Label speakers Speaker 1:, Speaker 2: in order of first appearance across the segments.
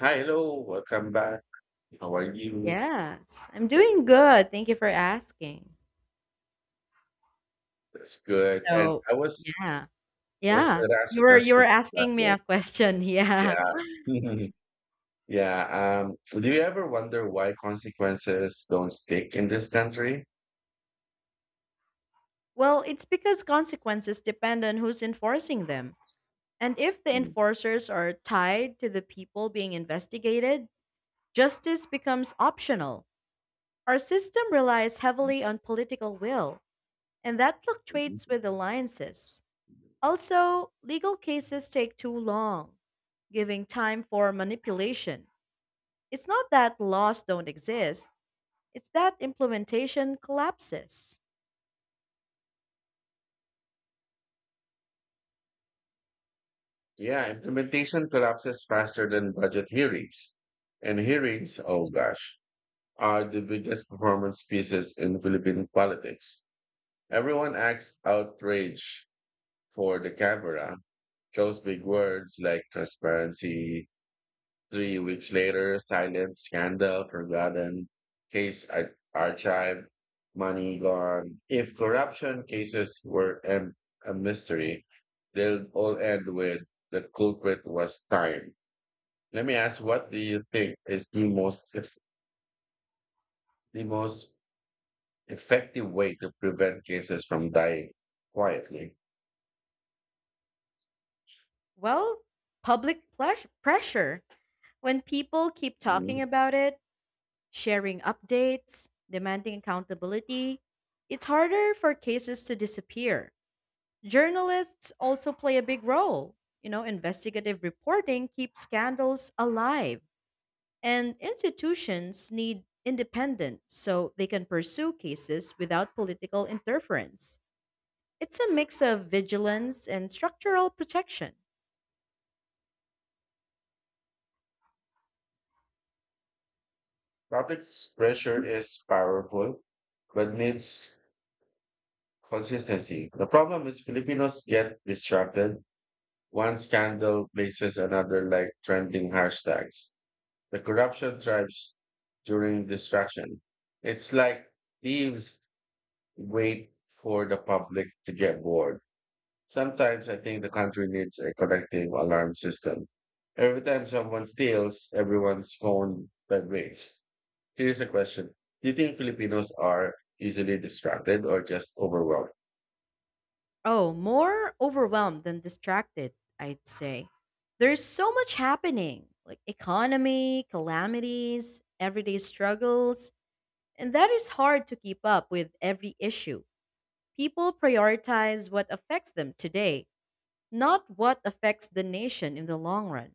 Speaker 1: Hi, hello, welcome back. How are you?
Speaker 2: Yes, I'm doing good. Thank you for asking.
Speaker 1: That's good. And
Speaker 2: So,
Speaker 1: I was
Speaker 2: yeah.
Speaker 1: was
Speaker 2: Yeah.
Speaker 1: asked
Speaker 2: You
Speaker 1: a
Speaker 2: were you
Speaker 1: question
Speaker 2: were
Speaker 1: back
Speaker 2: asking me
Speaker 1: then.
Speaker 2: a question. Yeah.
Speaker 1: Yeah. Yeah. Do you ever wonder why consequences don't stick in this country?
Speaker 2: Well, it's because consequences depend on who's enforcing them. And if the
Speaker 1: Mhm,
Speaker 2: enforcers are tied to the people being investigated, justice becomes optional. Our system relies heavily on political will, and that fluctuates
Speaker 1: mhm.
Speaker 2: with alliances. Also, legal cases take too long, giving time for manipulation. It's not that laws don't exist, it's that implementation collapses.
Speaker 1: Yeah, implementation collapses faster than budget hearings. And hearings, oh gosh, are the biggest performance pieces in Philippine politics. Everyone acts outraged for the camera. Those big words like transparency. Three weeks later, silence, scandal, forgotten, archived, money gone. If corruption cases were a mystery, they'll all end with the culprit was time. Let me ask, what do you think is the most effective way to prevent cases from dying quietly?
Speaker 2: Well, public pressure. When people keep talking
Speaker 1: Mhm.
Speaker 2: about it, sharing updates, demanding accountability, it's harder for cases to disappear. Journalists also play a big role. You know, investigative reporting keeps scandals alive, and institutions need independence so they can pursue cases without political interference. It's a mix of vigilance and structural protection.
Speaker 1: Public pressure is powerful, but needs consistency. The problem is Filipinos get distracted. One scandal places another like trending hashtags. The corruption thrives during distraction. It's like thieves wait for the public to get bored. Sometimes I think the country needs a collective alarm system. Every time someone steals, everyone's phone vibrates. Here's a question. Do you think Filipinos are easily distracted or just overwhelmed?
Speaker 2: Oh, more overwhelmed than distracted, I'd say. There's so much happening like economy, calamities, everyday struggles, and that is hard to keep up with every issue. People prioritize what affects them today, not what affects the nation in the long run.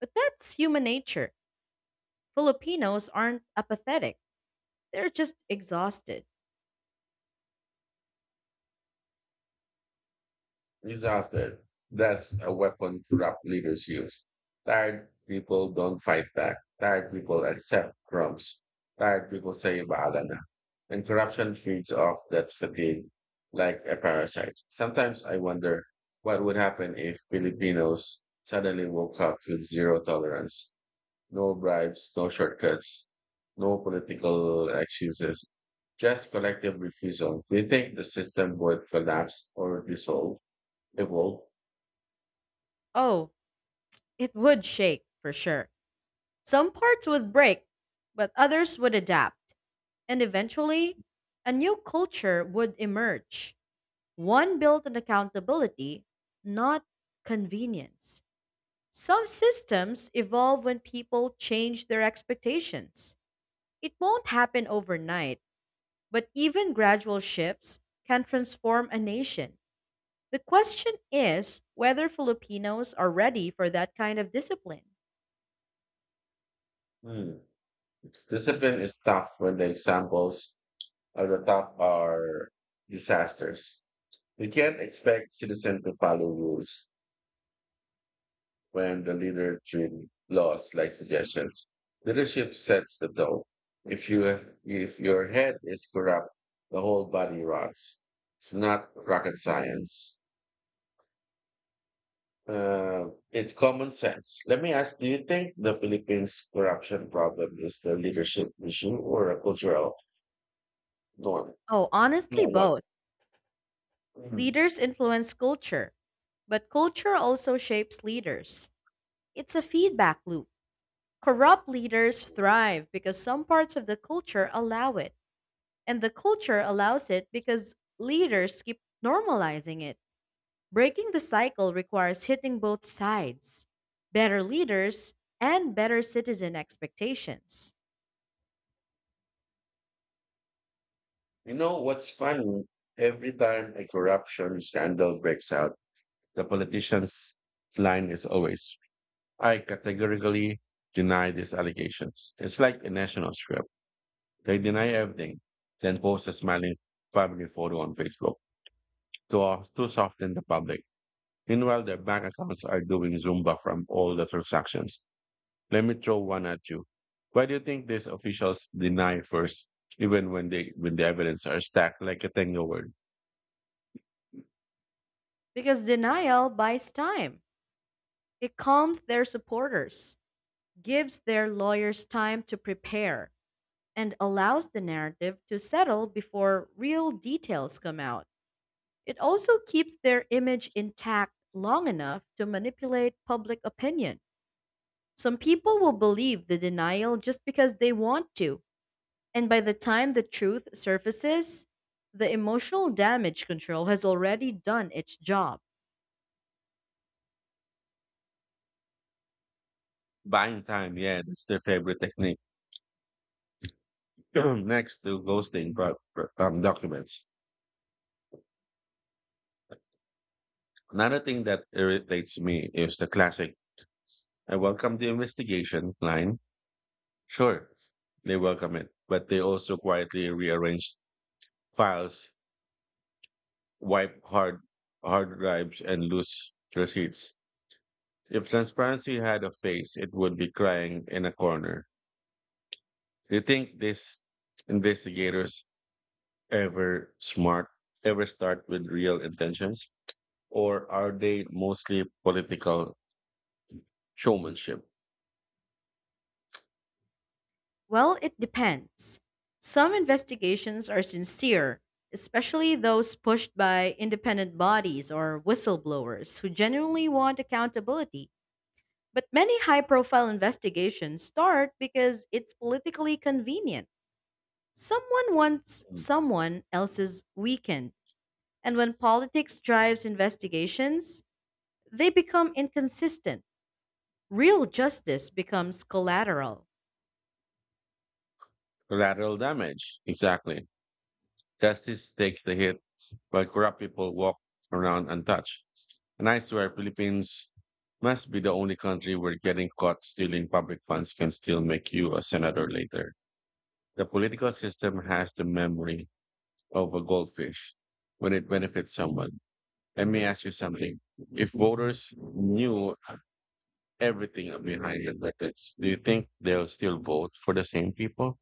Speaker 2: But that's human nature. Filipinos aren't apathetic, they're just exhausted.
Speaker 1: Disaster. That's a weapon corrupt leaders use. Tired people don't fight back. Tired people accept crumbs. Tired people say bahala na." And corruption feeds off that fatigue like a parasite. Sometimes I wonder what would happen if Filipinos suddenly woke up with zero tolerance, no bribes, no shortcuts, no political excuses, just collective refusal. Do you think the system would collapse or dissolve? It will.
Speaker 2: Oh, it would shake for sure. Some parts would break, but others would adapt, and eventually, a new culture would emerge, one built on accountability, not convenience. Some systems evolve when people change their expectations. It won't happen overnight, but even gradual shifts can transform a nation. The question is whether Filipinos are ready for that kind of discipline.
Speaker 1: Hmm. Discipline is tough when the examples at the top are disasters. You can't expect citizens to follow rules when the leader treats laws like suggestions. Leadership sets the tone. If you if your head is corrupt, the whole body rots. It's not rocket science. It's common sense. Let me ask, do you think the Philippines corruption problem is the leadership issue or a cultural norm?
Speaker 2: Oh, honestly,
Speaker 1: Not what?
Speaker 2: both.
Speaker 1: Mm.
Speaker 2: Leaders influence culture. But culture also shapes leaders. It's a feedback loop. Corrupt leaders thrive because some parts of the culture allow it, and the culture allows it because leaders keep normalizing it. Breaking the cycle requires hitting both sides: better leaders and better citizen expectations.
Speaker 1: You know what's funny? Every time a corruption scandal breaks out, the politician's line is always, I categorically deny these allegations. It's like a national script. They deny everything, then post a smiling family photo on Facebook to soften the public. Meanwhile, their bank accounts are doing Zumba from all the transactions. Let me throw one at you. Why do you think these officials deny first, even when the evidence are stacked like a tango word?
Speaker 2: Because denial buys time, it calms their supporters, gives their lawyers time to prepare and allows the narrative to settle before real details come out. It also keeps their image intact long enough to manipulate public opinion. Some people will believe the denial just because they want to, and by the time the truth surfaces, the emotional damage control has already done its job.
Speaker 1: Buying time, yeah, that's their favorite technique. Next to ghosting documents. Another thing that irritates me is the classic "I welcome the investigation" line. Sure, they welcome it, but they also quietly rearrange files, wipe hard drives, and lose receipts. If transparency had a face, it would be crying in a corner. Do you think these investigators ever smart ever start with real intentions, or are they mostly political showmanship?
Speaker 2: Well, it depends. Some investigations are sincere, especially those pushed by independent bodies or whistleblowers who genuinely want accountability. But many high profile investigations start because it's politically convenient. Someone wants
Speaker 1: Mm.
Speaker 2: someone else's weekend. And when politics drives investigations, they become inconsistent. Real justice becomes collateral.
Speaker 1: Collateral damage, exactly. Justice takes the hit, while corrupt people walk around untouched. And I swear Philippines must be the only country where getting caught stealing public funds can still make you a senator later. The political system has the memory of a goldfish when it benefits someone. Let me ask you something. If voters knew everything behind the records, do you think they'll still vote for the same people?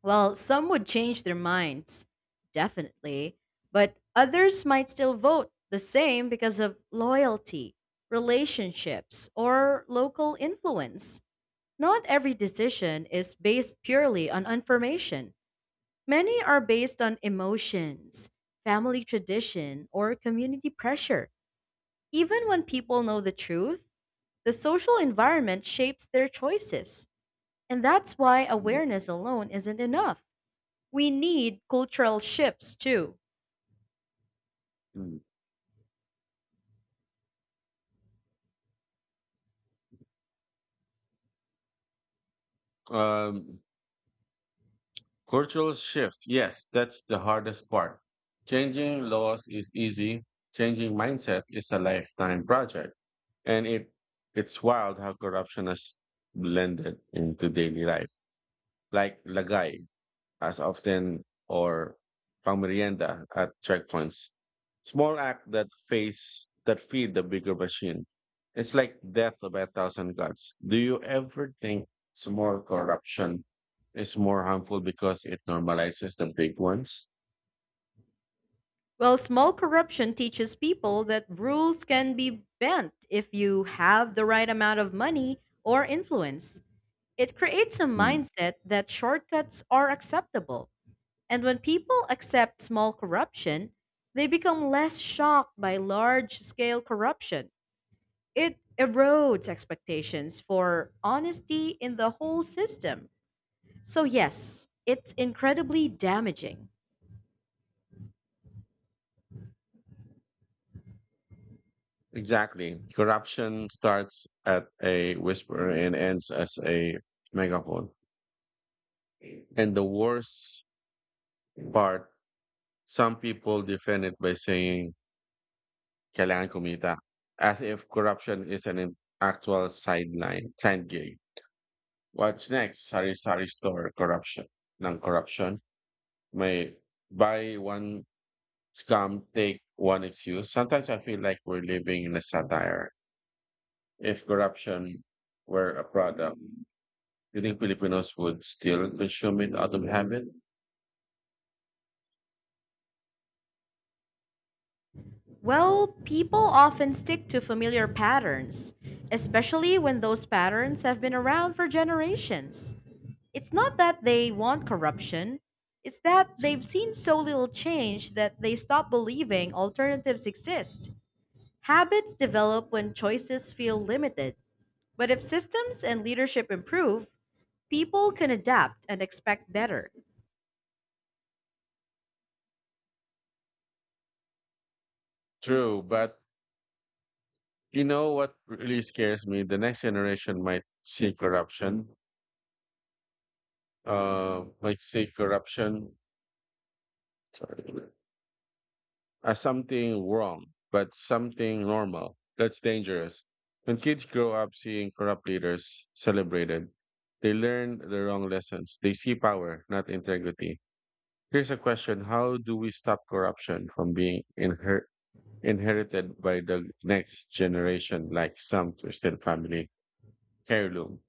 Speaker 2: Well, some would change their minds, definitely, but others might still vote the same because of loyalty, relationships, or local influence. Not every decision is based purely on information. Many are based on emotions, family tradition, or community pressure. Even when people know the truth, the social environment shapes their choices. And that's why awareness alone isn't enough. We need cultural shifts too.
Speaker 1: Mm. Um, Cultural shift. Yes, that's the hardest part. Changing laws is easy. Changing mindset is a lifetime project. And it's wild how corruption has blended into daily life. Like Lagay as often or pangmerienda at checkpoints. Small act that face that feed the bigger machine. It's like death by a thousand cuts. Do you ever think small corruption is more harmful because it normalizes the big ones?
Speaker 2: Well, small corruption teaches people that rules can be bent if you have the right amount of money or influence. It creates a
Speaker 1: Hmm.
Speaker 2: mindset that shortcuts are acceptable. And when people accept small corruption, they become less shocked by large scale corruption. It erodes expectations for honesty in the whole system. So, yes, it's incredibly damaging.
Speaker 1: Exactly. Corruption starts at a whisper and ends as a megaphone. And the worst part, some people defend it by saying Kailangan kumita, as if corruption is an in actual side gig. What's next? Sari-sari store corruption ng corruption. May buy one scam, take one excuse. Sometimes I feel like we're living in a satire. If corruption were a product, do you think Filipinos would still consume it out of habit?
Speaker 2: Well, people often stick to familiar patterns, especially when those patterns have been around for generations. It's not that they want corruption, it's that they've seen so little change that they stop believing alternatives exist. Habits develop when choices feel limited, but if systems and leadership improve, people can adapt and expect better.
Speaker 1: True, but you know what really scares me? The next generation might see corruption, uh, might see corruption as something wrong, but something normal. That's dangerous. When kids grow up seeing corrupt leaders celebrated, they learn the wrong lessons. They see power, not integrity. Here's a question. How do we stop corruption from being inherited by the next generation, like some Christian family heirloom?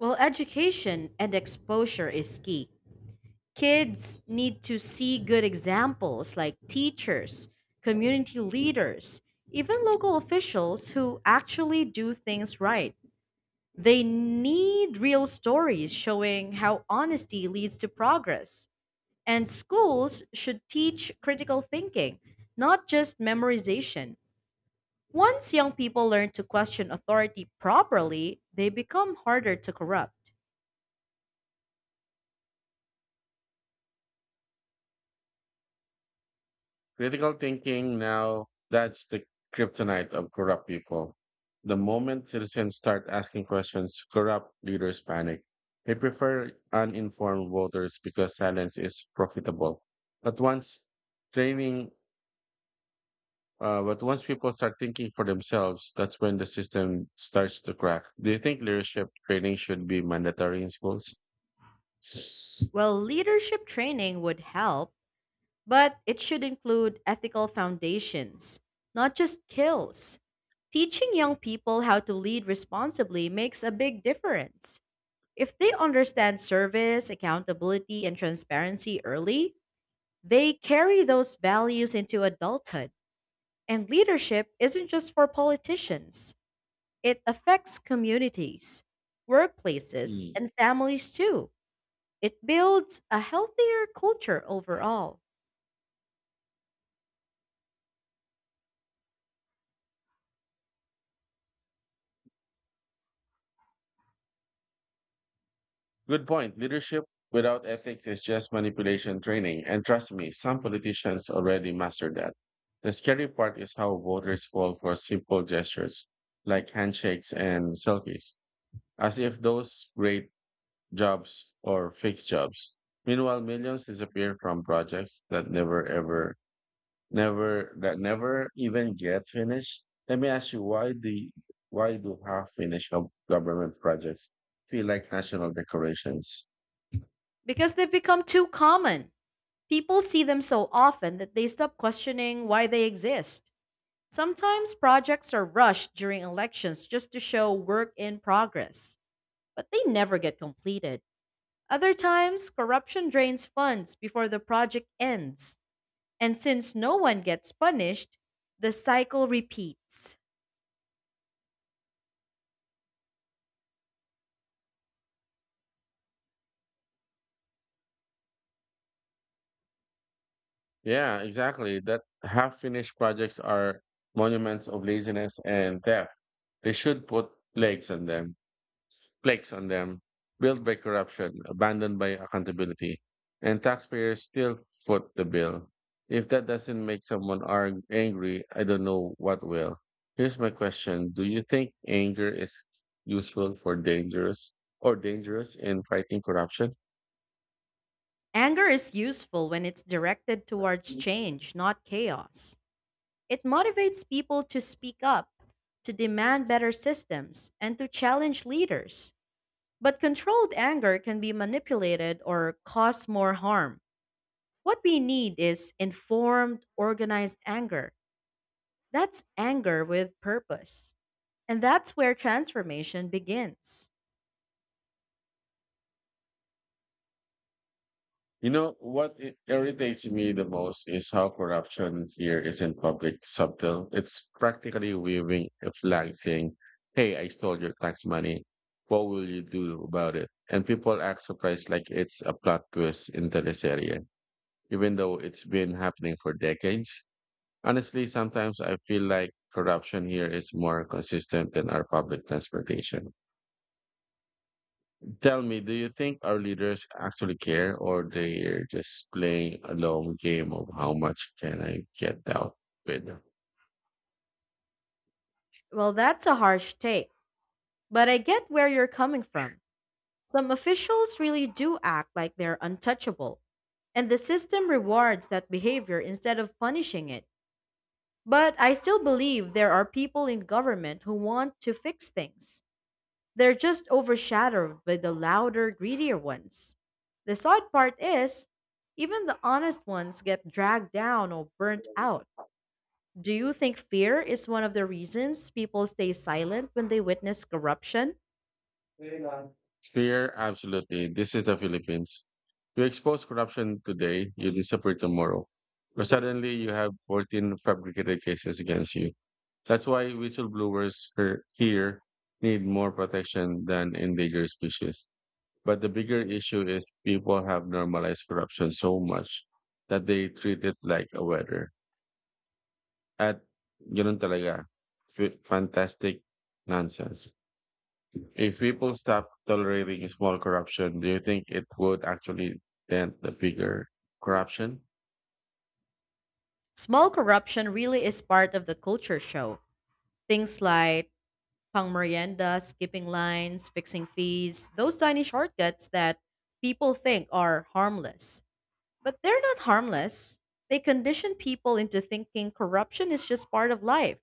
Speaker 2: Well, education and exposure is key. Kids need to see good examples like teachers, community leaders, even local officials who actually do things right. They need real stories showing how honesty leads to progress. And schools should teach critical thinking, not just memorization. Once young people learn to question authority properly, they become harder to corrupt.
Speaker 1: Critical thinking now, that's the kryptonite of corrupt people. The moment citizens start asking questions, corrupt leaders panic. They prefer uninformed voters because silence is profitable. But once training, but once people start thinking for themselves, that's when the system starts to crack. Do you think leadership training should be mandatory in schools?
Speaker 2: Well, leadership training would help. But it should include ethical foundations, not just kills. Teaching young people how to lead responsibly makes a big difference. If they understand service, accountability, and transparency early, they carry those values into adulthood. And leadership isn't just for politicians, it affects communities, workplaces, and families too. It builds a healthier culture overall,
Speaker 1: Good point. Leadership without ethics is just manipulation training. And trust me, some politicians already mastered that. The scary part is how voters fall for simple gestures like handshakes and selfies, as if those great jobs or fixed jobs. Meanwhile, millions disappear from projects that never ever never that never even get finished. Let me ask you, why do government projects feel like national decorations?
Speaker 2: because they've become too common. People see them so often that they stop questioning why they exist. Sometimes projects are rushed during elections just to show work in progress, but they never get completed. Other times, corruption drains funds before the project ends, and since no one gets punished, the cycle repeats.
Speaker 1: Yeah, exactly. That half finished projects are monuments of laziness and theft. They should put legs on them, plagues on them, built by corruption, abandoned by accountability, and taxpayers still foot the bill. If that doesn't make someone angry, I don't know what will. Here's my question. Do you think anger is useful for dangerous or dangerous in fighting corruption?
Speaker 2: Anger is useful when it's directed towards change, not chaos. It motivates people to speak up, to demand better systems, and to challenge leaders. But controlled anger can be manipulated or cause more harm. What we need is informed, organized anger. That's anger with purpose. And that's where transformation begins.
Speaker 1: You know, what irritates me the most is how corruption here isn't public subtle. It's practically waving a flag saying, Hey, I stole your tax money. What will you do about it? And people act surprised like it's a plot twist in teleserye, even though it's been happening for decades. Honestly, sometimes I feel like corruption here is more consistent than our public transportation. Tell me, do you think our leaders actually care or they're just playing a long game of how much can I get out with?
Speaker 2: Well, that's a harsh take, but I get where you're coming from. Some officials really do act like they're untouchable, and the system rewards that behavior instead of punishing it. But I still believe there are people in government who want to fix things. They're just overshadowed by the louder, greedier ones. The sad part is, even the honest ones get dragged down or burnt out. Do you think fear is one of the reasons people stay silent when they witness corruption?
Speaker 1: Fear, absolutely. This is the Philippines. You expose corruption today, you disappear tomorrow. Or suddenly you have 14 fabricated cases against you. That's why here need more protection than endangered species. But the bigger issue is people have normalized corruption so much that they treat it like a weather. At ganun talaga. Fantastic nonsense. If people stop tolerating small corruption, do you think it would actually dent the bigger corruption?
Speaker 2: Small corruption really is part of the culture show. Things like pang merienda, skipping lines, fixing fees, those tiny shortcuts that people think are harmless. But they're not harmless. They condition people into thinking corruption is just part of life.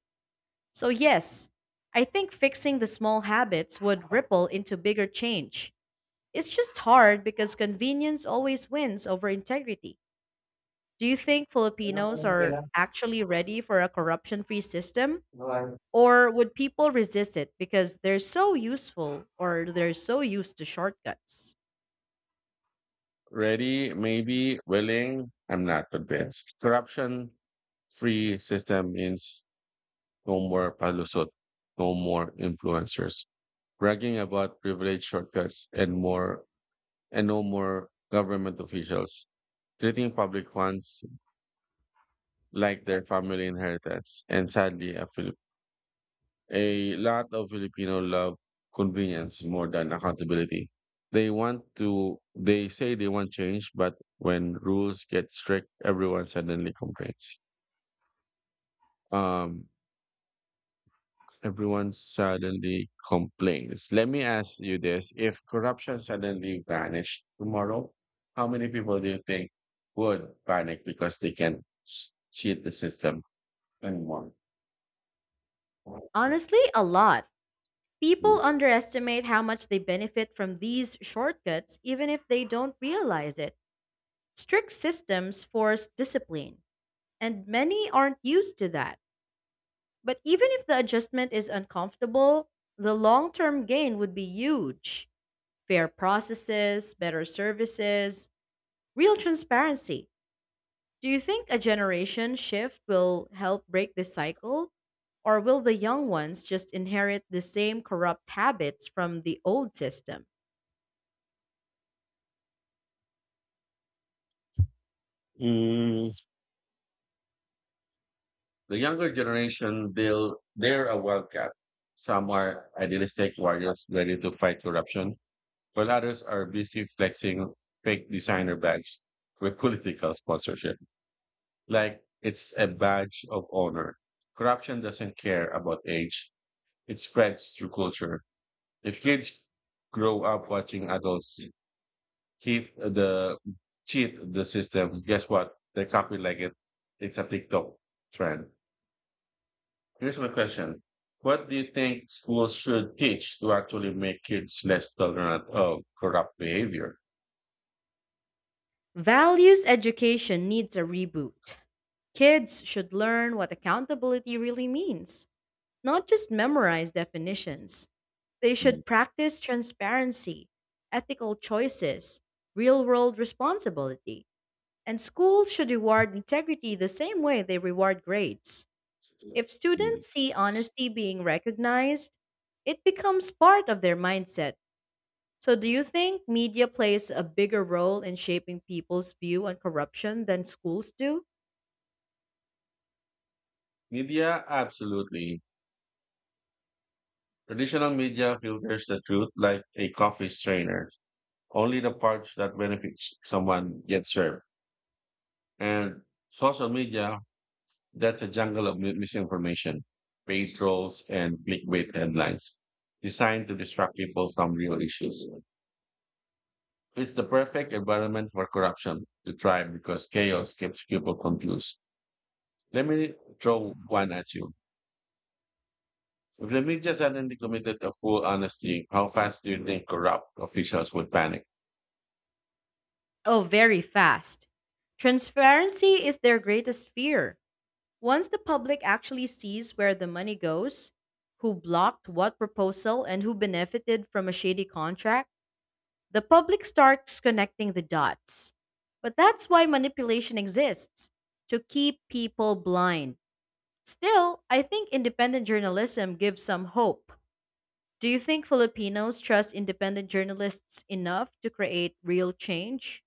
Speaker 2: So, yes, I think fixing the small habits would ripple into bigger change. It's just hard because convenience always wins over integrity. Do you think Filipinos are actually ready for a corruption free system? Or would people resist it because they're so useful or they're so used to shortcuts?
Speaker 1: Ready, maybe, willing. I'm not convinced. Corruption free system means no more palusot, no more influencers bragging about privilege shortcuts and no more government officials treating public funds like their family inheritance and sadly a lot of Filipino love convenience more than accountability. They say they want change, but when rules get strict, everyone suddenly complains. Um, Let me ask you this. If corruption suddenly vanished tomorrow, how many people do you think would panic because they can't cheat the system anymore?
Speaker 2: Honestly, a lot. People underestimate how much they benefit from these shortcuts, even if they don't realize it. Strict systems force discipline, and many aren't used to that. But even if the adjustment is uncomfortable, the long term gain would be huge. Fair processes, better services, real transparency. Do you think a generation shift will help break this cycle? Or will the young ones just inherit the same corrupt habits from the old system?
Speaker 1: Mm. The younger generation, they're a wildcat. Some are idealistic warriors ready to fight corruption, while others are busy flexing fake designer bags with political sponsorship. Like it's a badge of honor. Corruption doesn't care about age. It spreads through culture. If kids grow up watching adults keep the cheat the system, guess what? They copy like it. It's a TikTok trend. Here's my question. What do you think schools should teach to actually make kids less tolerant of corrupt behavior?
Speaker 2: Values education needs a reboot. Kids should learn what accountability really means, not just memorize definitions. They
Speaker 1: Mm.
Speaker 2: should practice transparency, ethical choices, real world responsibility, and schools should reward integrity the same way they reward grades. If
Speaker 1: Mm.
Speaker 2: students see honesty being recognized, it becomes part of their mindset. So, do you think media plays a bigger role in shaping people's view on corruption than schools do?
Speaker 1: Media, absolutely. Traditional media filters the truth like a coffee strainer. Only the parts that benefits someone get served. And social media, that's a jungle of misinformation, paid trolls, and clickbait headlines designed to distract people from real issues. It's the perfect environment for corruption to thrive because chaos keeps people confused. Let me throw one at you. If the media suddenly committed a full honesty, how fast do you think corrupt officials would panic?
Speaker 2: Oh, very fast. Transparency is their greatest fear. Once the public actually sees where the money goes, who blocked what proposal, and who benefited from a shady contract, the public starts connecting the dots. But that's why manipulation exists to keep people blind. Still, I think independent journalism gives some hope. Do you think Filipinos trust independent journalists enough to create real change?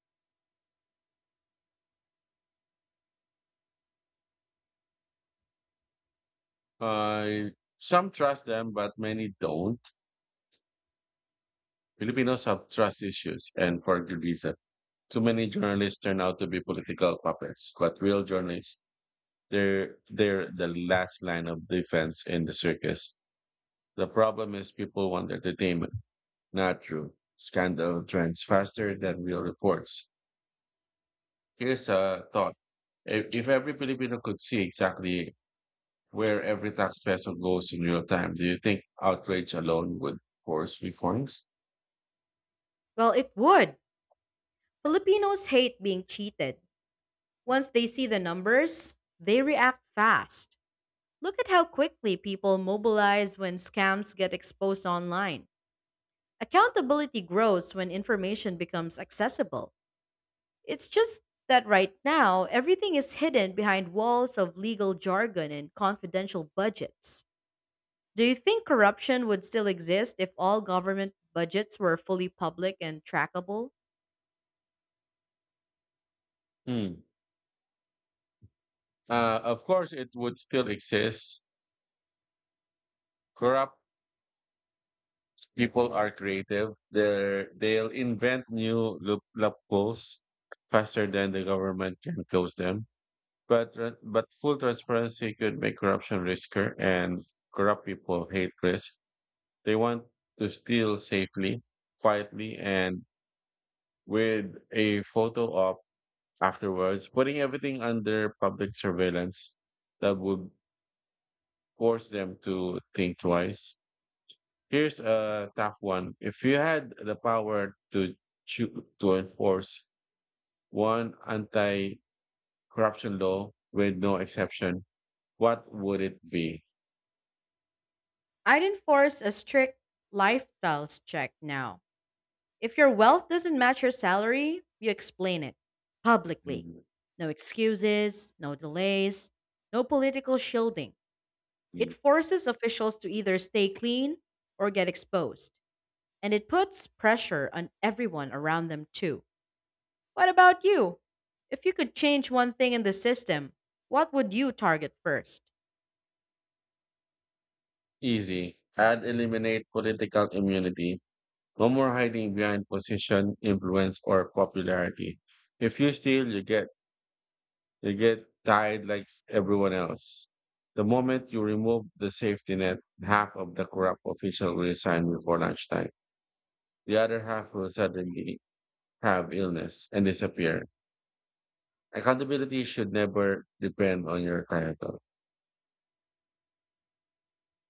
Speaker 1: Uh, some trust them, but many don't. Filipinos have trust issues, and for good reason. Too many journalists turn out to be political puppets, but real journalists, they're the last line of defense in the circus. The problem is people want entertainment. Not true. Scandal trends faster than real reports. Here's a thought. If every Filipino could see exactly where every tax peso goes in real time, do you think outrage alone would force reforms?
Speaker 2: Well, it would. Filipinos hate being cheated. Once they see the numbers, they react fast. Look at how quickly people mobilize when scams get exposed online. Accountability grows when information becomes accessible. It's just that right now, everything is hidden behind walls of legal jargon and confidential budgets. Do you think corruption would still exist if all government budgets were fully public and trackable?
Speaker 1: Hmm. Of course, it would still exist. Corrupt people are creative. They'll invent new loopholes faster than the government can close them. But full transparency could make corruption riskier, and corrupt people hate risk. They want to steal safely, quietly, and with a photo op afterwards. Putting everything under public surveillance, that would force them to think twice. Here's a tough one. If you had the power to to enforce one anti-corruption law with no exception, what would it be?
Speaker 2: I'd enforce a strict lifestyles check now. If your wealth doesn't match your salary, you explain it publicly.
Speaker 1: Hmm.
Speaker 2: No excuses, no delays, no political shielding. It
Speaker 1: E-
Speaker 2: forces officials to either stay clean or get exposed. And it puts pressure on everyone around them too. What about you? If you could change one thing in the system, what would you target first?
Speaker 1: Easy. Add Eliminate political immunity. No more hiding behind position, influence, or popularity. If you steal, you get tied like everyone else. The moment you remove the safety net, half of the corrupt official will resign before lunchtime. The other half will suddenly have illness and disappear. Accountability should never depend on your title.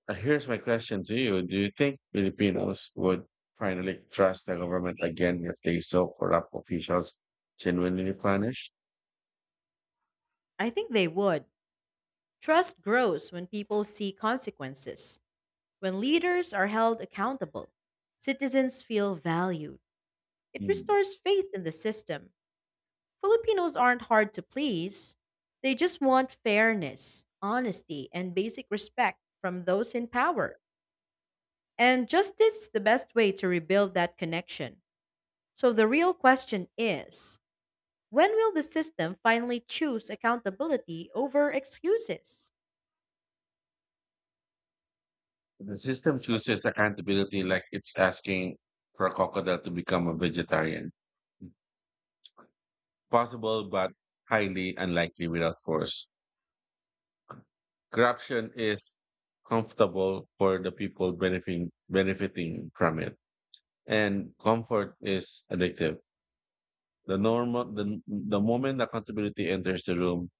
Speaker 1: Here's my question to you. Do you think Filipinos would finally trust the government again if they saw corrupt officials genuinely punished?
Speaker 2: I think they would. Trust grows when people see consequences, when leaders are held accountable, citizens feel valued. It
Speaker 1: Mm.
Speaker 2: restores faith in the system. Filipinos aren't hard to please, they just want fairness, honesty, and basic respect from those in power. And justice is the best way to rebuild that connection. So the real question is: when will the system finally choose accountability over excuses?
Speaker 1: The system chooses accountability like it's asking for a crocodile to become a vegetarian. Possible, but highly unlikely without force. Corruption is comfortable for the people benefiting from it, and comfort is addictive. The moment accountability enters the room,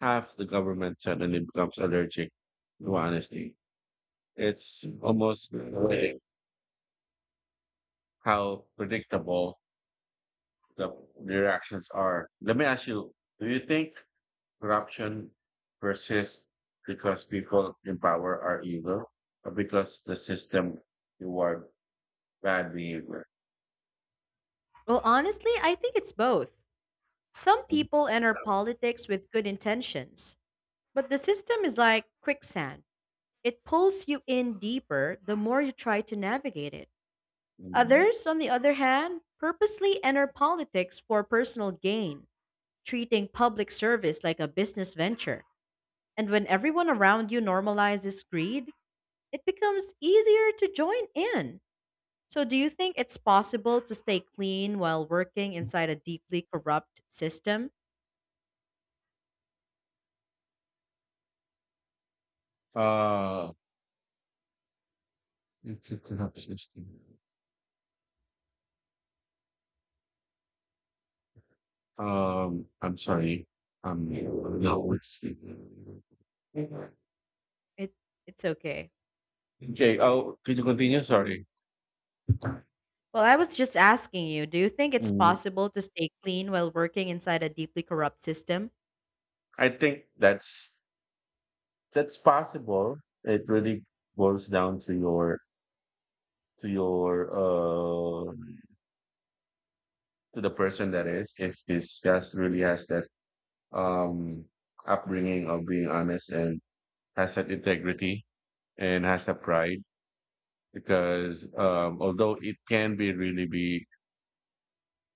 Speaker 1: half the government suddenly becomes allergic to honesty. It's almost poetic how predictable the the reactions are. Let me ask you: do you think corruption persists because people in power are evil, or because the system reward bad behavior?
Speaker 2: Well, honestly, I think it's both. Some people enter politics with good intentions, but the system is like quicksand. It pulls you in deeper the more you try to navigate it.
Speaker 1: Mhm.
Speaker 2: Others, on the other hand, purposely enter politics for personal gain, treating public service like a business venture. And when everyone around you normalizes greed, it becomes easier to join in. So, do you think it's possible to stay clean while working inside a deeply corrupt system?
Speaker 1: Uh, it's a corrupt system. I'm sorry. Um, no, it's
Speaker 2: It it's okay.
Speaker 1: okay. Oh, can you continue? Sorry.
Speaker 2: Well, I was just asking you, do you think it's
Speaker 1: Mm,
Speaker 2: possible to stay clean while working inside a deeply corrupt system?
Speaker 1: I think that's possible. It really boils down to your to the person, that is, if this just really has that um upbringing of being honest and has that integrity and has that pride, because although it can be really be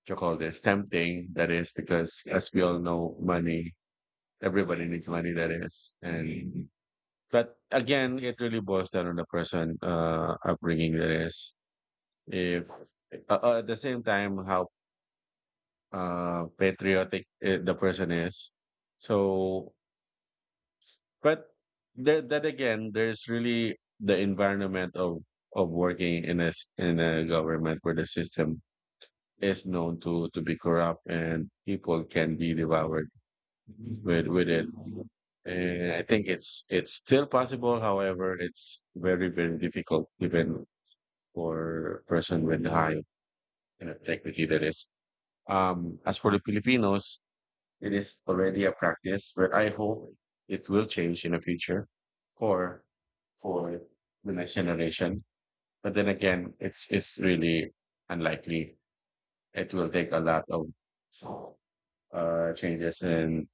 Speaker 1: you call this tempting, that is, because as we all know money, everybody needs money, that is, and but again it really boils down on the person upbringing, that is, if at the same time how patriotic the person is. So but that again there's really the environment of working in a in a government where the system is known to be corrupt and people can be devoured with it. And I think it's still possible. However, it's very difficult even for a person with high integrity. That is. As for the Filipinos, it is already a practice, but I hope it will change in the future for for the next generation. But then again, it's really unlikely. It will take a lot of changes, and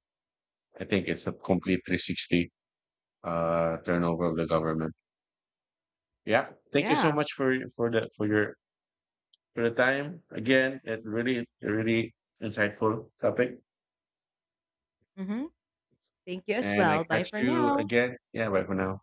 Speaker 1: I think it's a complete 360 turnover of the government. Yeah, thank you so
Speaker 2: Yeah.
Speaker 1: much for the for your for the time again. It really a really insightful topic,
Speaker 2: Mhm. Thank you as
Speaker 1: and I
Speaker 2: well. Bye
Speaker 1: catch
Speaker 2: for
Speaker 1: you
Speaker 2: now.
Speaker 1: again. Yeah, bye for now.